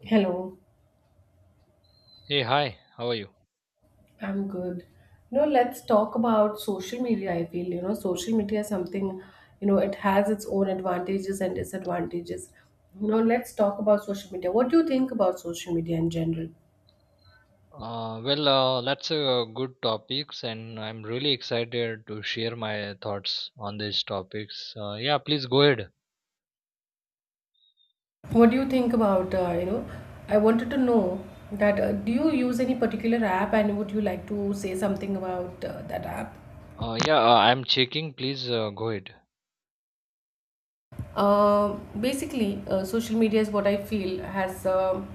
Hello, Hey, hi, how are you? I'm good. No, let's talk about social media. I feel, social media is something, it has its own advantages and disadvantages. Let's talk about social media. What do you think about social media in general? Well, that's a good topics, and I'm really excited to share my thoughts on these topics. Yeah, please go ahead. What do you think about, I wanted to know that do you use any particular app and would you like to say something about that app? Yeah, I'm checking. Please go ahead. Basically, social media is what I feel has,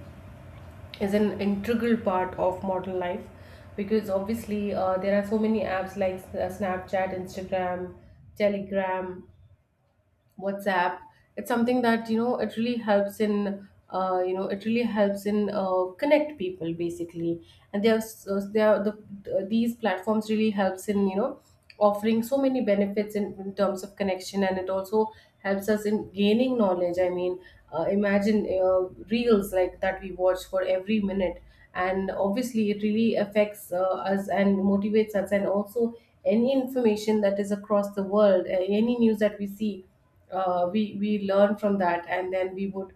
is an integral part of modern life because obviously there are so many apps like Snapchat, Instagram, Telegram, WhatsApp. It's something that it really helps in connect people basically, and there are these platforms really helps in offering so many benefits in terms of connection, and it also helps us in gaining knowledge. I mean, imagine reels like that we watch for every minute, and obviously it really affects us and motivates us, and also any information that is across the world, any news that we see uh, we learn from that and then we would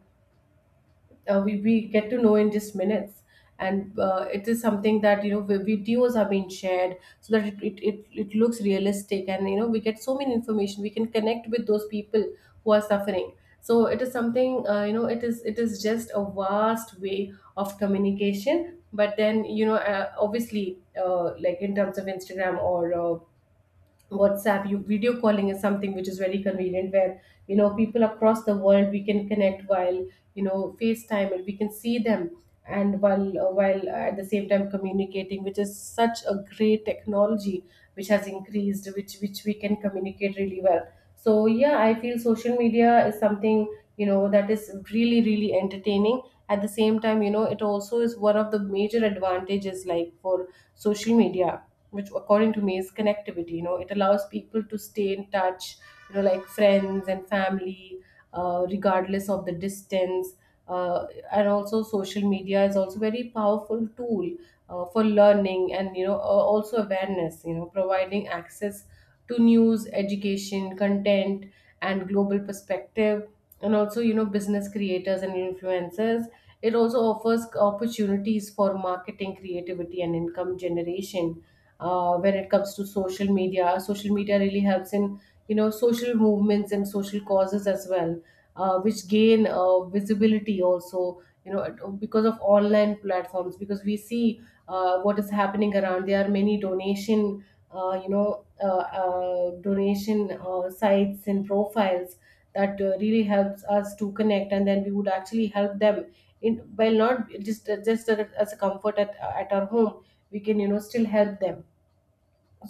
we get to know in just minutes and it is something that you know, videos are being shared so that it looks realistic and you know we get so many information. We can connect with those people who are suffering. So it is something, you know, it is just a vast way of communication. But then you know, obviously, like in terms of Instagram or WhatsApp, you video calling is something which is very convenient, where you know people across the world we can connect while FaceTime and we can see them, and while at the same time communicating, which is such a great technology which has increased, which we can communicate really well. So yeah, I feel social media is something, you know, that is really really entertaining. At the same time, you know, it also is one of the major advantages, like for social media, which according to me is connectivity. You know, it allows people to stay in touch, you know, like friends and family, regardless of the distance, uh, and also social media is also very powerful tool for learning, and also awareness, you know, providing access to news, education content and global perspective, and also you know business creators and influencers. It also offers opportunities for marketing, creativity and income generation when it comes to social media. Social media really helps in you know social movements and social causes as well, which gain visibility also. You know, because of online platforms, because we see what is happening around. There are many donation. Donation sites and profiles that really helps us to connect, and then we would actually help them in, while not just as a comfort at our home, we can you know still help them.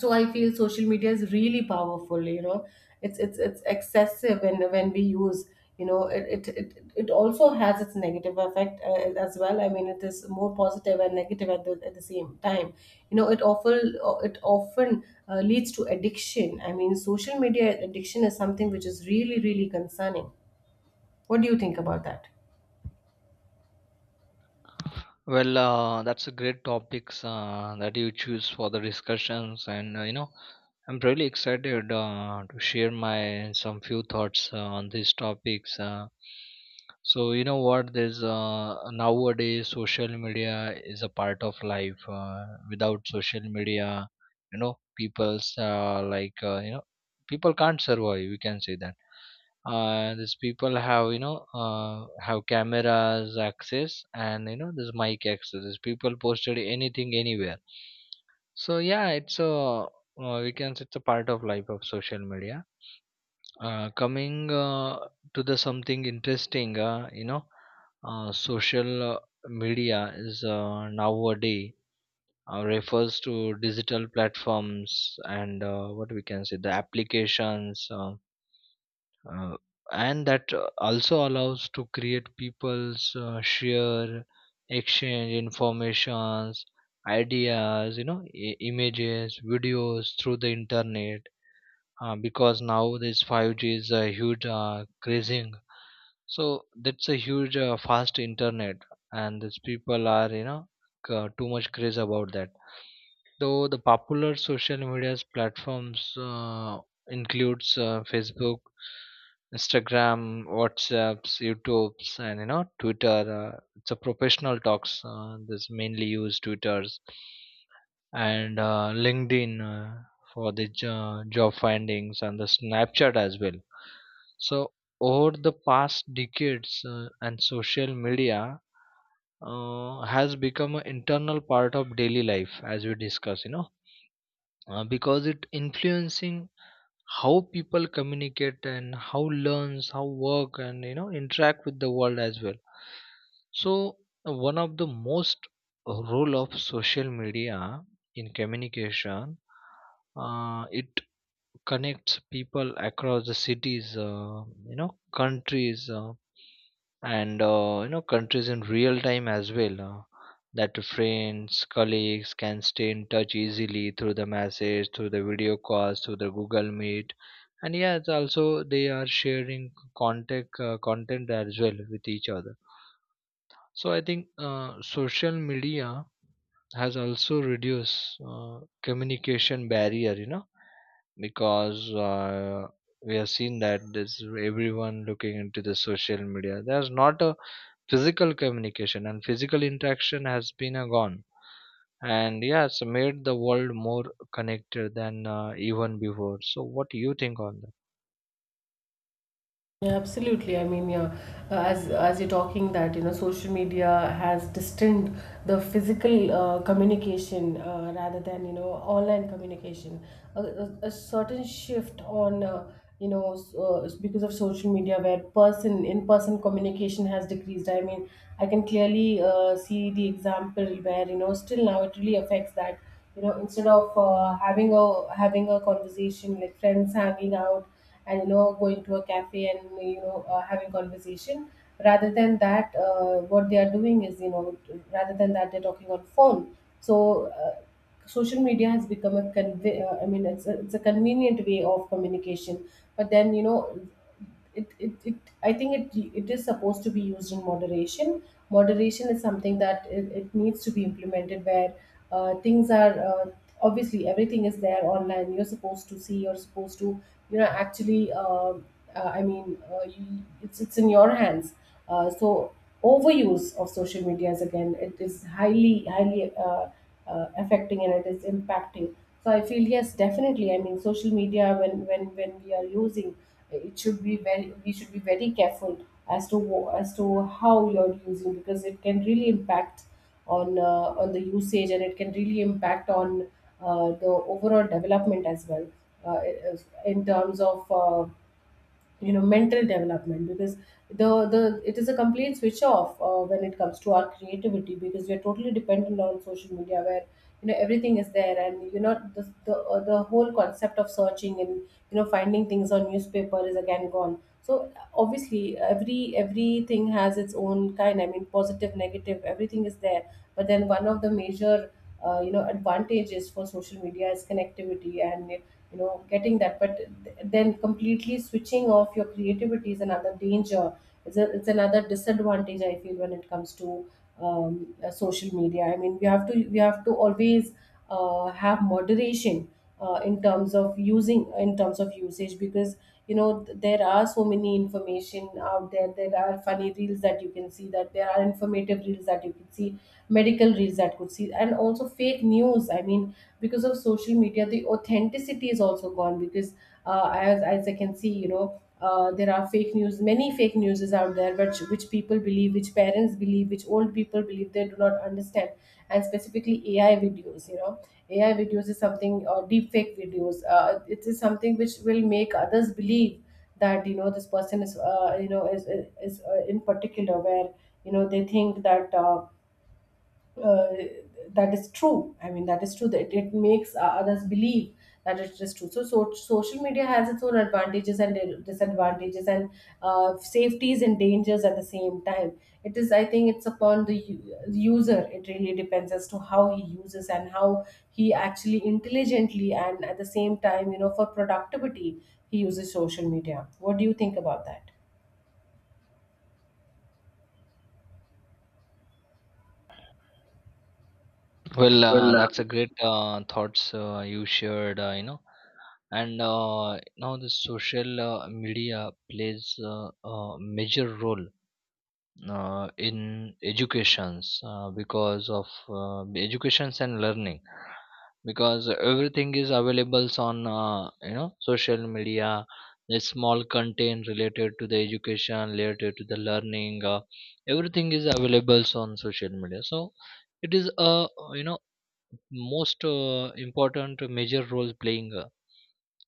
So I feel social media is really powerful, you know. It's excessive when we use. You know, it also has its negative effect as well. I mean, it is more positive and negative at the same time. You know, it often leads to addiction. I mean, social media addiction is something which is really really concerning. What do you think about that? Well, that's a great topics that you choose for the discussions, and I'm really excited to share my some few thoughts on these topics. So you know what? There's nowadays social media is a part of life. Without social media, people's like people can't survive. We can say that these people have have cameras access, and this mic access, these people posted anything anywhere. So yeah, it's a we can say it's a part of life of social media. Coming to the something interesting, social media is nowadays refers to digital platforms and what we can say the applications, uh, and that also allows to create people's share, exchange informations, ideas, images, videos through the internet. Because now this 5G is a huge crazing, so that's a huge fast internet, and these people are, too much craze about that. Though the popular social media platforms includes Facebook, Instagram, WhatsApps, YouTube's, and Twitter. It's a professional talks. This mainly use Twitter's and LinkedIn for the job findings and the Snapchat as well. So over the past decades, and social media has become an internal part of daily life, as we discuss. Because it influencing how people communicate and how learns, how work, and interact with the world as well. So one of the most role of social media in communication, it connects people across the cities, you know countries, and countries in real time as well, that friends, colleagues can stay in touch easily through the message, through the video calls, through the Google Meet. And yeah, it's also they are sharing contact, content as well with each other. So I think social media has also reduced communication barrier, because we have seen that this everyone looking into the social media, there's not a physical communication, and physical interaction has been gone, and yes made the world more connected than even before. So what do you think on that? Yeah, absolutely. I mean, yeah, as you're talking that, you know, social media has distanced the physical communication, rather than, you know, online communication. A certain shift on, it's because of social media where person in-person communication has decreased. I mean, I can clearly see the example where, you know, still now it really affects that, you know, instead of having a conversation, like friends hanging out and you know going to a cafe and you know having conversation, rather than that, what they are doing is, you know, rather than that, they're talking on phone. So social media has become a I mean, it's a convenient way of communication, but then you know it, it, it I think it is supposed to be used in moderation. Moderation is something that it needs to be implemented, where things are obviously everything is there online. You're supposed to see, you're supposed to you know actually I mean, it's in your hands, so overuse of social media is again, it is highly affecting and it is impacting. So I feel yes, definitely. I mean, social media, when we are using, it should be very we should be very careful as to how you're using, because it can really impact on the usage, and it can really impact on the overall development as well, uh, in terms of. Mental development, because the it is a complete switch off when it comes to our creativity, because we are totally dependent on social media, where you know everything is there, and you know the whole concept of searching and you know finding things on newspaper is again gone. So obviously everything has its own kind. I mean positive, negative, everything is there. But then one of the major you know advantages for social media is connectivity, and you know getting that, but then completely switching off your creativity is another danger. It's another disadvantage I feel when it comes to social media. I mean, we have to always have moderation in terms of using, in terms of usage, because you know there are so many information out there. There are funny reels that you can see, that there are informative reels that you can see, medical reels that could see, and also fake news. I mean, because of social media the authenticity is also gone, because as I can see, you know, there are fake news, many fake news is out there, which people believe, which parents believe, which old people believe. They do not understand. And specifically AI videos, you know, AI videos is something, or deep fake videos, it is something which will make others believe that you know this person is you know is in particular, where you know they think that uh, that is true. I mean, that is true. That it makes others believe that it is true. So, so social media has its own advantages and disadvantages, and safeties and dangers at the same time. It is, I think, it's upon the user. It really depends as to how he uses and how he actually intelligently and at the same time, you know, for productivity, he uses social media. What do you think about that? Well, Well, that's a great thoughts you shared and now the social media plays a major role in educations, because of educations and learning, because everything is available on, social media. The small content related to the education, related to the learning, everything is available on social media. So it is a, you know most important major role playing.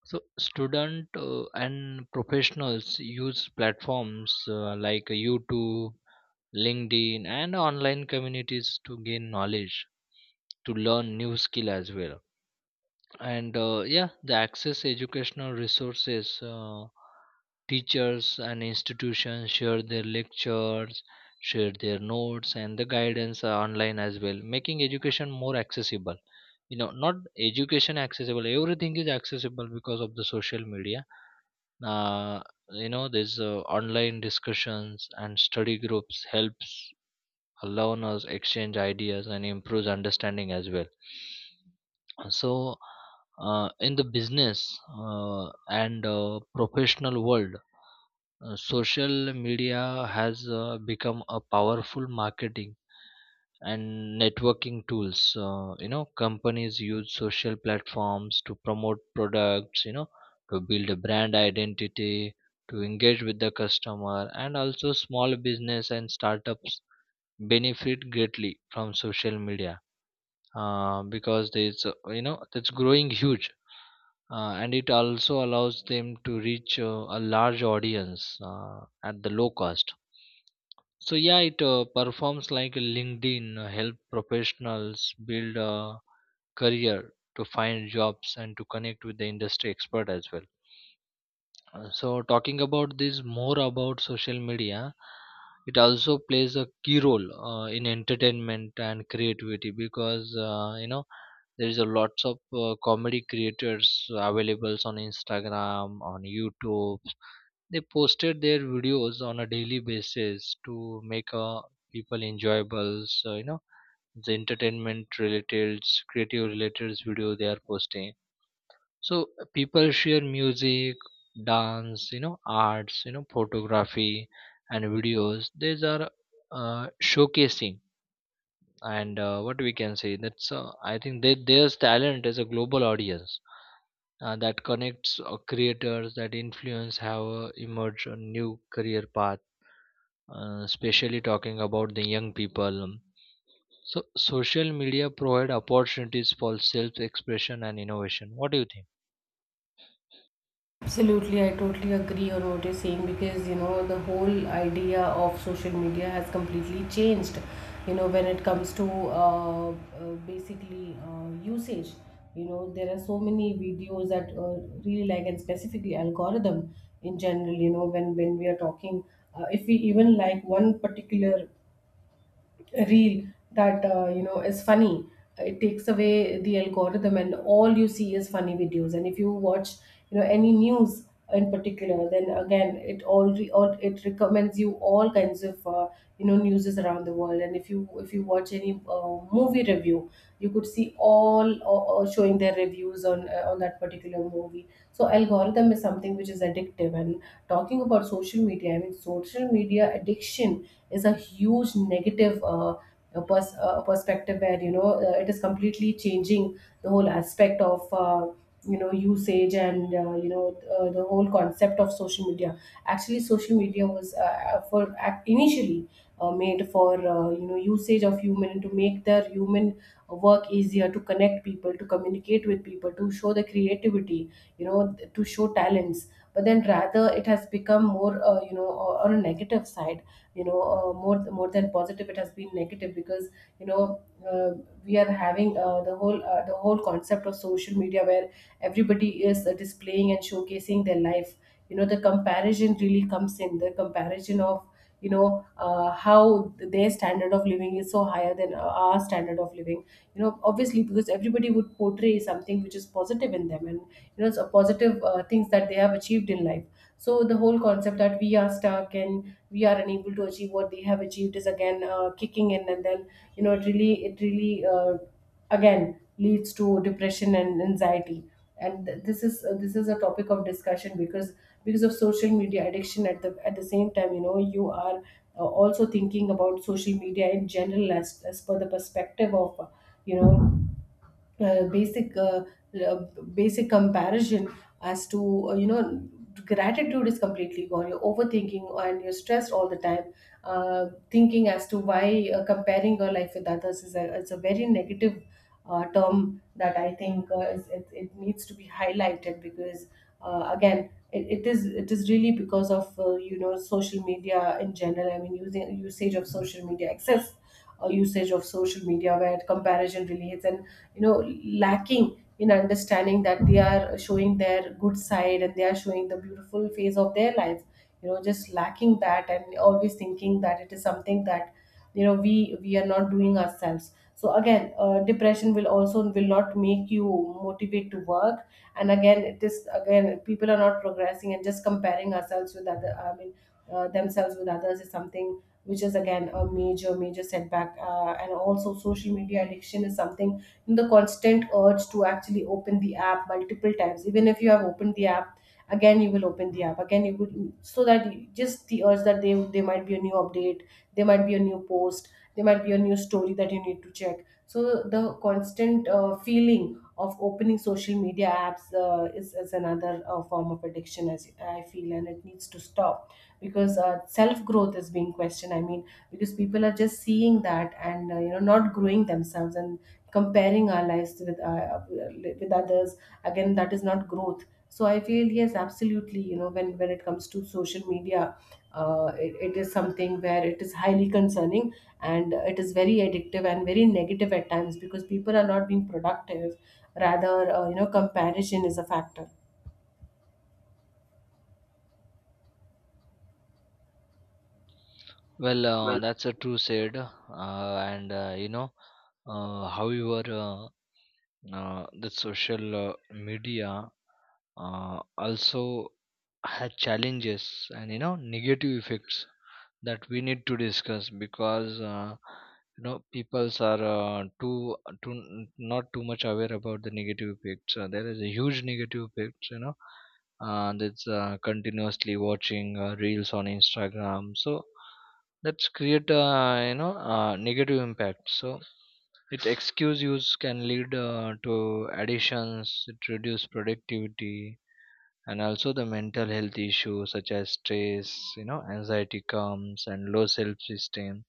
So student and professionals use platforms like YouTube, LinkedIn, and online communities to gain knowledge, to learn new skill as well. And yeah, the access educational resources. Teachers and institutions share their lectures, share their notes, and the guidance are online as well, making education more accessible. Not education accessible. Everything is accessible because of the social media. Uh, there's online discussions and study groups helps allowing us exchange ideas and improves understanding as well. So in the business and professional world, social media has become a powerful marketing and networking tools. Companies use social platforms to promote products, to build a brand identity, to engage with the customer, and also small business and startups benefit greatly from social media, because there's, that's growing huge, and it also allows them to reach a large audience at the low cost. So yeah, it performs like a LinkedIn, help professionals build a career to find jobs and to connect with the industry expert as well. So, talking about this more about social media, it also plays a key role in entertainment and creativity, because there is a lots of comedy creators available on Instagram, on YouTube. They posted their videos on a daily basis to make people enjoyable. So the entertainment related, creative related video they are posting. So people share music, dance, arts, photography, and videos, these are showcasing, and what we can say, that's I think that their talent is a global audience that connects creators that influence have emerged a new career path, especially talking about the young people. So social media provide opportunities for self expression and innovation. What do you think? absolutely, I totally agree on what you're saying, because you know the whole idea of social media has completely changed. You know, when it comes to basically usage, you know, there are so many videos that really like, and specifically algorithm in general. You know, when we are talking, if we even like one particular reel that you know is funny, it takes away the algorithm and all you see is funny videos. And if you watch you know any news in particular, then again it already or it recommends you all kinds of you know newses around the world. And if you watch any movie review, you could see all showing their reviews on that particular movie. So algorithm is something which is addictive. And talking about social media, I mean, social media addiction is a huge negative. A perspective where it is completely changing the whole aspect of usage, and the whole concept of social media. Actually, social media was for initially made for usage of human, and to make their human work easier, to connect people, to communicate with people, to show the creativity, to show talents. But then, rather, it has become more on a negative side. More than positive, it has been negative, because you know uh, we are having the whole concept of social media where everybody is displaying and showcasing their life. The comparison really comes in, the comparison of how their standard of living is so higher than our standard of living. Obviously, because everybody would portray something which is positive in them, and so positive things that they have achieved in life. So the whole concept that we are stuck and we are unable to achieve what they have achieved is again kicking in, and then it really again leads to depression and anxiety. And this is a topic of discussion, because of social media addiction. At the same time, you are also thinking about social media in general, as per the perspective of you know uh, basic uh, uh, basic comparison as to gratitude is completely gone, you're overthinking and you're stressed all the time, thinking as to why. Comparing your life with others is a very negative term that I think it needs to be highlighted, because again, it is really because of social media in general, I mean using usage of social media excess. Usage of social media where comparison really hits, and you know lacking in understanding that they are showing their good side and they are showing the beautiful phase of their life. Just lacking that and always thinking that it is something that we are not doing ourselves. So again, depression will not make you motivate to work. And again, it is again, people are not progressing and just comparing ourselves with other I mean themselves with others is something which is again a major setback. And also, social media addiction is something, the constant urge to actually open the app multiple times. Even if you have opened the app, again you will open the app again, you would, so that just the urge that they might be a new update, there might be a new post, there might be a new story that you need to check. So the constant feeling of opening social media apps is another form of addiction, as I feel, and it needs to stop, because self growth is being questioned, I mean, because people are just seeing that and not growing themselves and comparing our lives with with others. Again, that is not growth, so I feel, yes, absolutely, when it comes to social media, it is something where it is highly concerning, and it is very addictive and very negative at times, because people are not being productive, rather, comparison is a factor. Well, that's a true said, and however. The social media also had challenges and negative effects that we need to discuss, because peoples are too not too much aware about the negative effects. There is a huge negative effects, that's continuously watching reels on Instagram. So that's create negative impact. So it excuse use can lead to additions, it reduce productivity, and also the mental health issues such as stress, anxiety comes and low self-esteem.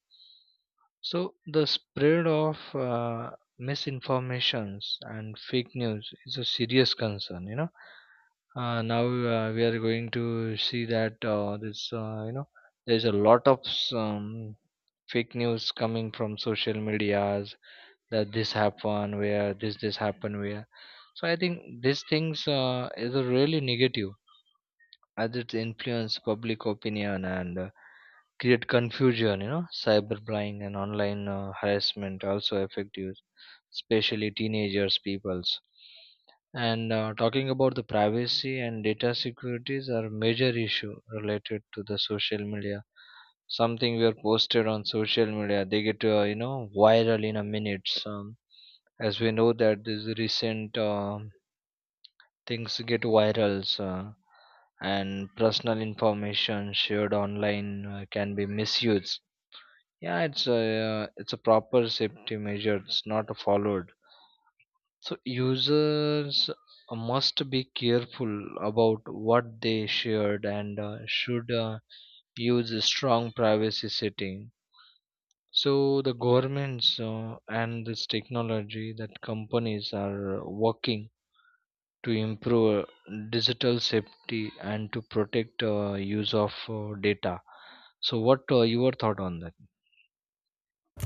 So the spread of misinformations and fake news is a serious concern. Now we are going to see that this there is a lot of um, fake news coming from social media's, that this happened where, this happened where. So I think these things is a really negative as it influence public opinion and create confusion. Cyberbullying and online harassment also affect youth, especially teenagers peoples, and talking about the privacy and data securities are major issue related to the social media. Something we are posted on social media, they get viral in a minutes, as we know that these recent things get viral, uh, and personal information shared online can be misused. Yeah, it's a proper safety measure, it's not followed. So users must be careful about what they shared, and should use a strong privacy setting. So the governments and this technology that companies are working to improve digital safety and to protect use of data. So what your thought on that?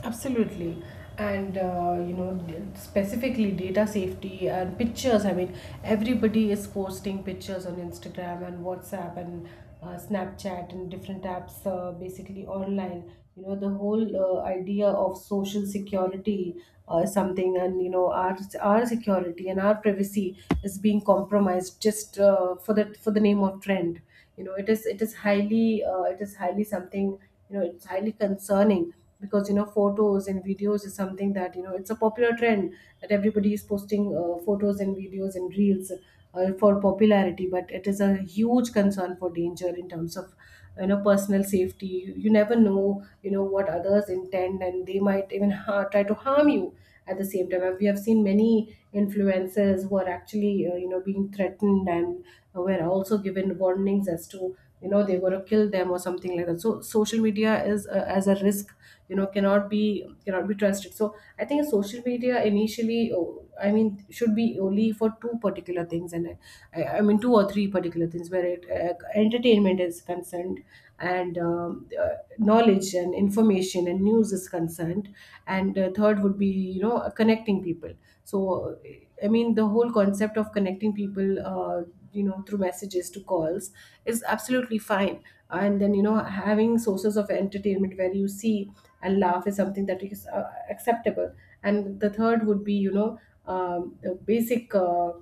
Absolutely. And specifically data safety and pictures. I mean, everybody is posting pictures on Instagram and WhatsApp and Snapchat and different apps, basically online. You know, the whole idea of social security is something, and you know, our security and our privacy is being compromised, just for the name of trend. It is highly something. It's highly concerning, because photos and videos is something that, it's a popular trend, that everybody is posting photos and videos and reels for popularity, but it is a huge concern for danger in terms of personal safety. You never know what others intend, and they might even try to harm you at the same time. We have seen many influencers who are actually being threatened, and were also given warnings as to they're going to kill them, or something like that. So social media, is as a risk, cannot be trusted. So I think social media initially, oh, I mean, should be only for two particular things, and I mean two or three particular things, where entertainment is concerned, and knowledge and information and news is concerned, and third would be, connecting people. So I mean, the whole concept of connecting people, through messages to calls, is absolutely fine. And then, having sources of entertainment where you see and laugh is something that is acceptable, and the third would be, the basic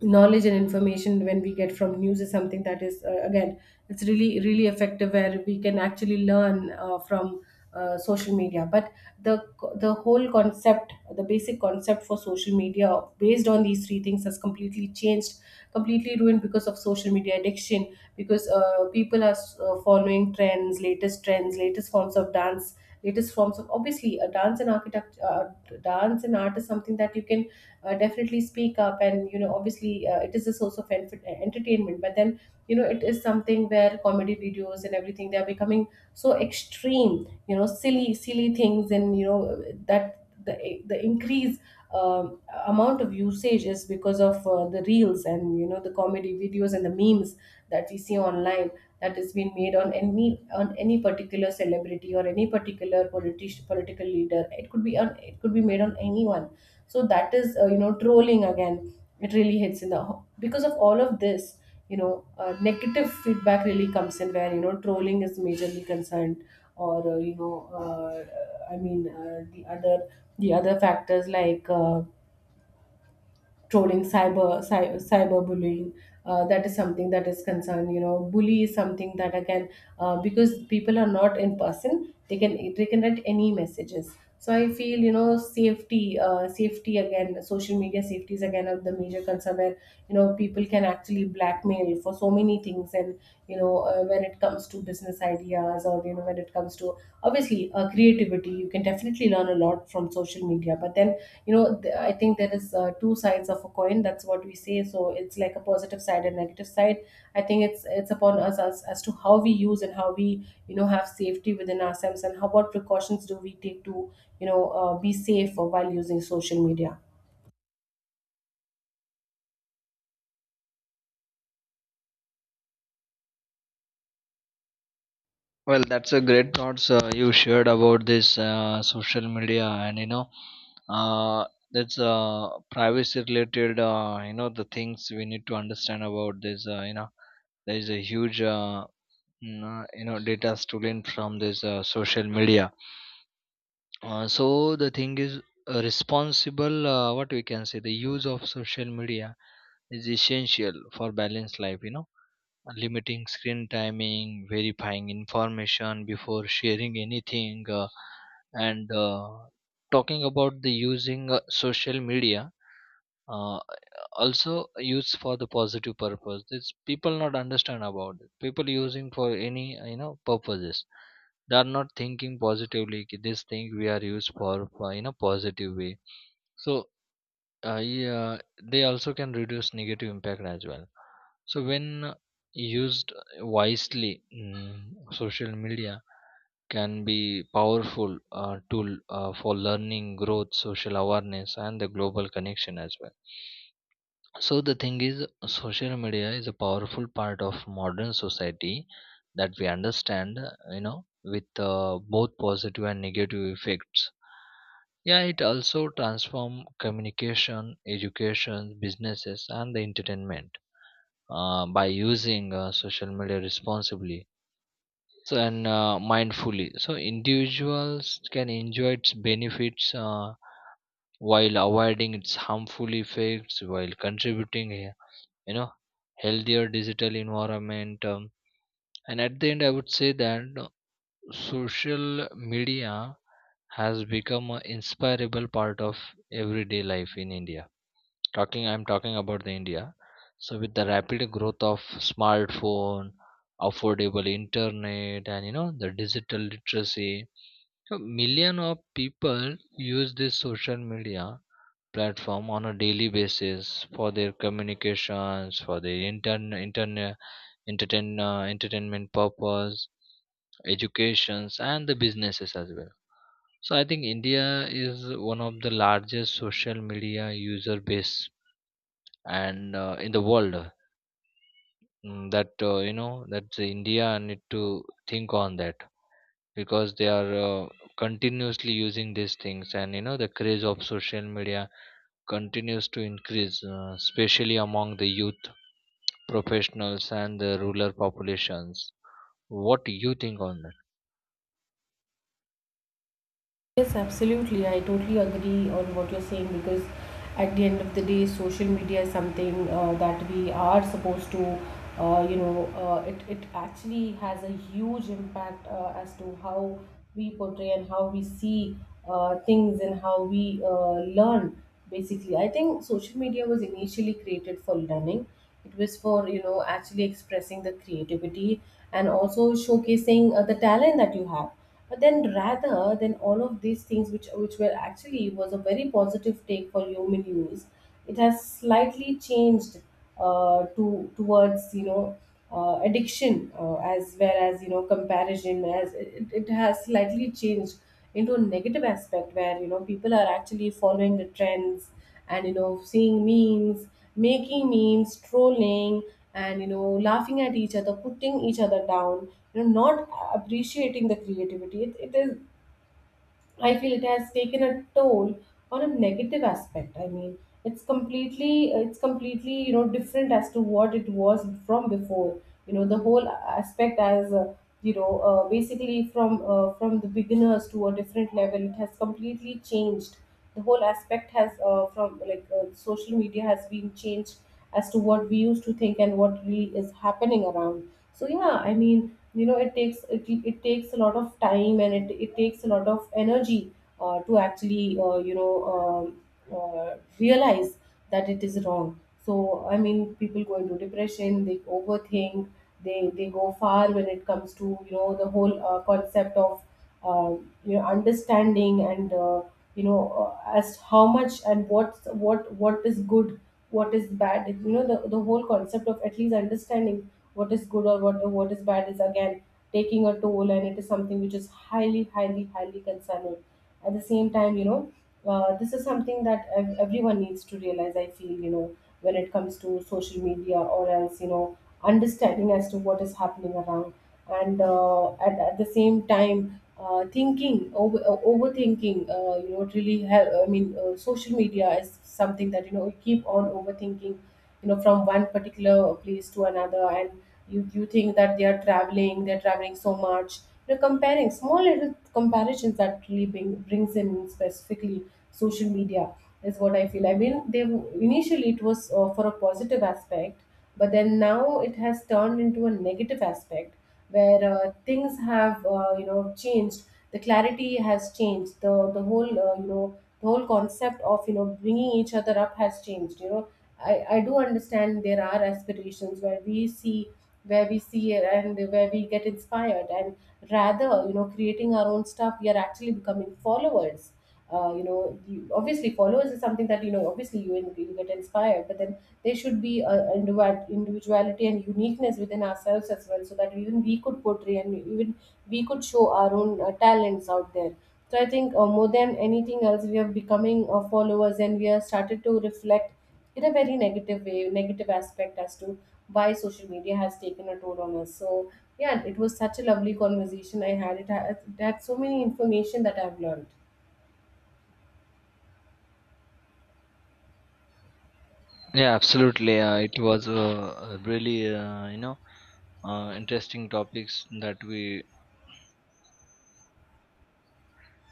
knowledge and information when we get from news is something that is, again, it's really effective, where we can actually learn from social media. But the the whole concept, the basic concept for social media based on these three things, has completely changed, completely ruined because of social media addiction, because people are following trends, latest trends, latest forms of dance, latest forms of, obviously, a dance and architect dance and art is something that you can definitely speak up, and obviously it is a source of entertainment. But then, it is something where comedy videos and everything, they are becoming so extreme, silly, silly things. And that the increase um, amount of usage is because of the reels, and the comedy videos and the memes that we see online, that is being made on any particular celebrity or any particular politician, political leader, it could be on, it could be made on anyone. So that is, trolling again. It really hits in the, because of all of this, negative feedback really comes in where, trolling is majorly concerned, or I mean, the other, factors, like trolling, cyberbullying. That is something that is concerned. You know, bully is something that I can, because people are not in person, they can, they can write any messages. So I feel, safety, safety again, social media safety is again of the major concern, where people can actually blackmail for so many things, and when it comes to business ideas, or when it comes to, obviously, creativity, you can definitely learn a lot from social media. But then, I think there is, two sides of a coin, that's what we say. So it's like a positive side and negative side. I think it's upon us, as to how we use, and how we, have safety within ourselves, and how, what precautions do we take to, be safe while using social media. Well, that's a great thoughts you shared about this social media, and uh, that's privacy related the things we need to understand about this. There is a huge data stolen from this social media. So the thing is responsible, what we can say, the use of social media is essential for balanced life. Limiting screen timing, verifying information before sharing anything, and talking about the using social media, uh, also used for the positive purpose. This people not understand about it, people using for any purposes, they are not thinking positively ki this thing we are used for in a positive way. So yeah, they also can reduce negative impact as well. So when used wisely, social media can be powerful tool for learning, growth, social awareness, and the global connection as well. So the thing is, social media is a powerful part of modern society that we understand, with both positive and negative effects. Yeah, it also transform communication, education, businesses, and the entertainment by using social media responsibly, so, and mindfully. So individuals can enjoy its benefits while avoiding its harmful effects, while contributing you know healthier digital environment. And at the end I would say that social media has become an inspirable part of everyday life in India. Talking, I'm talking about the India. So with the rapid growth of smartphone, affordable internet, and the digital literacy, so million of people use this social media platform on a daily basis for their communications, for their entertainment purpose, educations, and the businesses as well. So I think India is one of the largest social media user base and in the world. That that India need to think on that, because they are continuously using these things, and the craze of social media continues to increase, especially among the youth, professionals, and the rural populations. What do you think on that? Yes, absolutely. I totally agree on what you're saying, because at the end of the day, social media is something that we are supposed to. It actually has a huge impact as to how we portray and how we see things, and how we learn, basically. I think social media was initially created for learning. It was for, actually expressing the creativity and also showcasing the talent that you have, but then rather than all of these things, which were actually, was a very positive take for human use, it has slightly changed to towards addiction, as whereas, comparison as, it has slightly changed into a negative aspect, where people are actually following the trends, and seeing memes, making memes, trolling, and laughing at each other, putting each other down, not appreciating the creativity. It is, I feel, it has taken a toll on a negative aspect, I mean. It's completely, different as to what it was from before. The whole aspect, as basically, from the beginners to a different level, it has completely changed. The whole aspect has, from, like, social media has been changed as to what we used to think and what really is happening around. So yeah, I mean, it takes, it takes a lot of time, and it takes a lot of energy to actually, realize that it is wrong. So I mean, people go into depression, they overthink, they go far when it comes to, the whole concept of, uh, understanding, and as how much, and what is good, what is bad. The whole concept of at least understanding what is good or what is bad is again taking a toll, and it is something which is highly, highly, highly concerning at the same time. This is something that everyone needs to realize, I feel, when it comes to social media. Or else, understanding as to what is happening around. And at the same time, overthinking, it really help, I mean, social media is something that, you keep on overthinking, from one particular place to another, and you think that they are traveling, they're traveling so much. Comparing small little comparisons that really brings in, specifically social media, is what I feel, I mean. They initially it was, for a positive aspect, but then now it has turned into a negative aspect, where things have changed, the clarity has changed, the whole, the whole concept of bringing each other up has changed. I do understand there are aspirations, where we see, where we see it, and where we get inspired, and rather, creating our own stuff, we are actually becoming followers. Obviously, followers is something that, obviously, you get inspired, but then there should be a individuality and uniqueness within ourselves as well, so that even we could portray, and even we could show our own talents out there. So I think, more than anything else, we are becoming followers, and we are started to reflect in a very negative way, negative aspect, as to why social media has taken a toll on us. So yeah, it was such a lovely conversation I had. It had so many information that I've learned. Yeah, absolutely. It was really, uh, interesting topics that we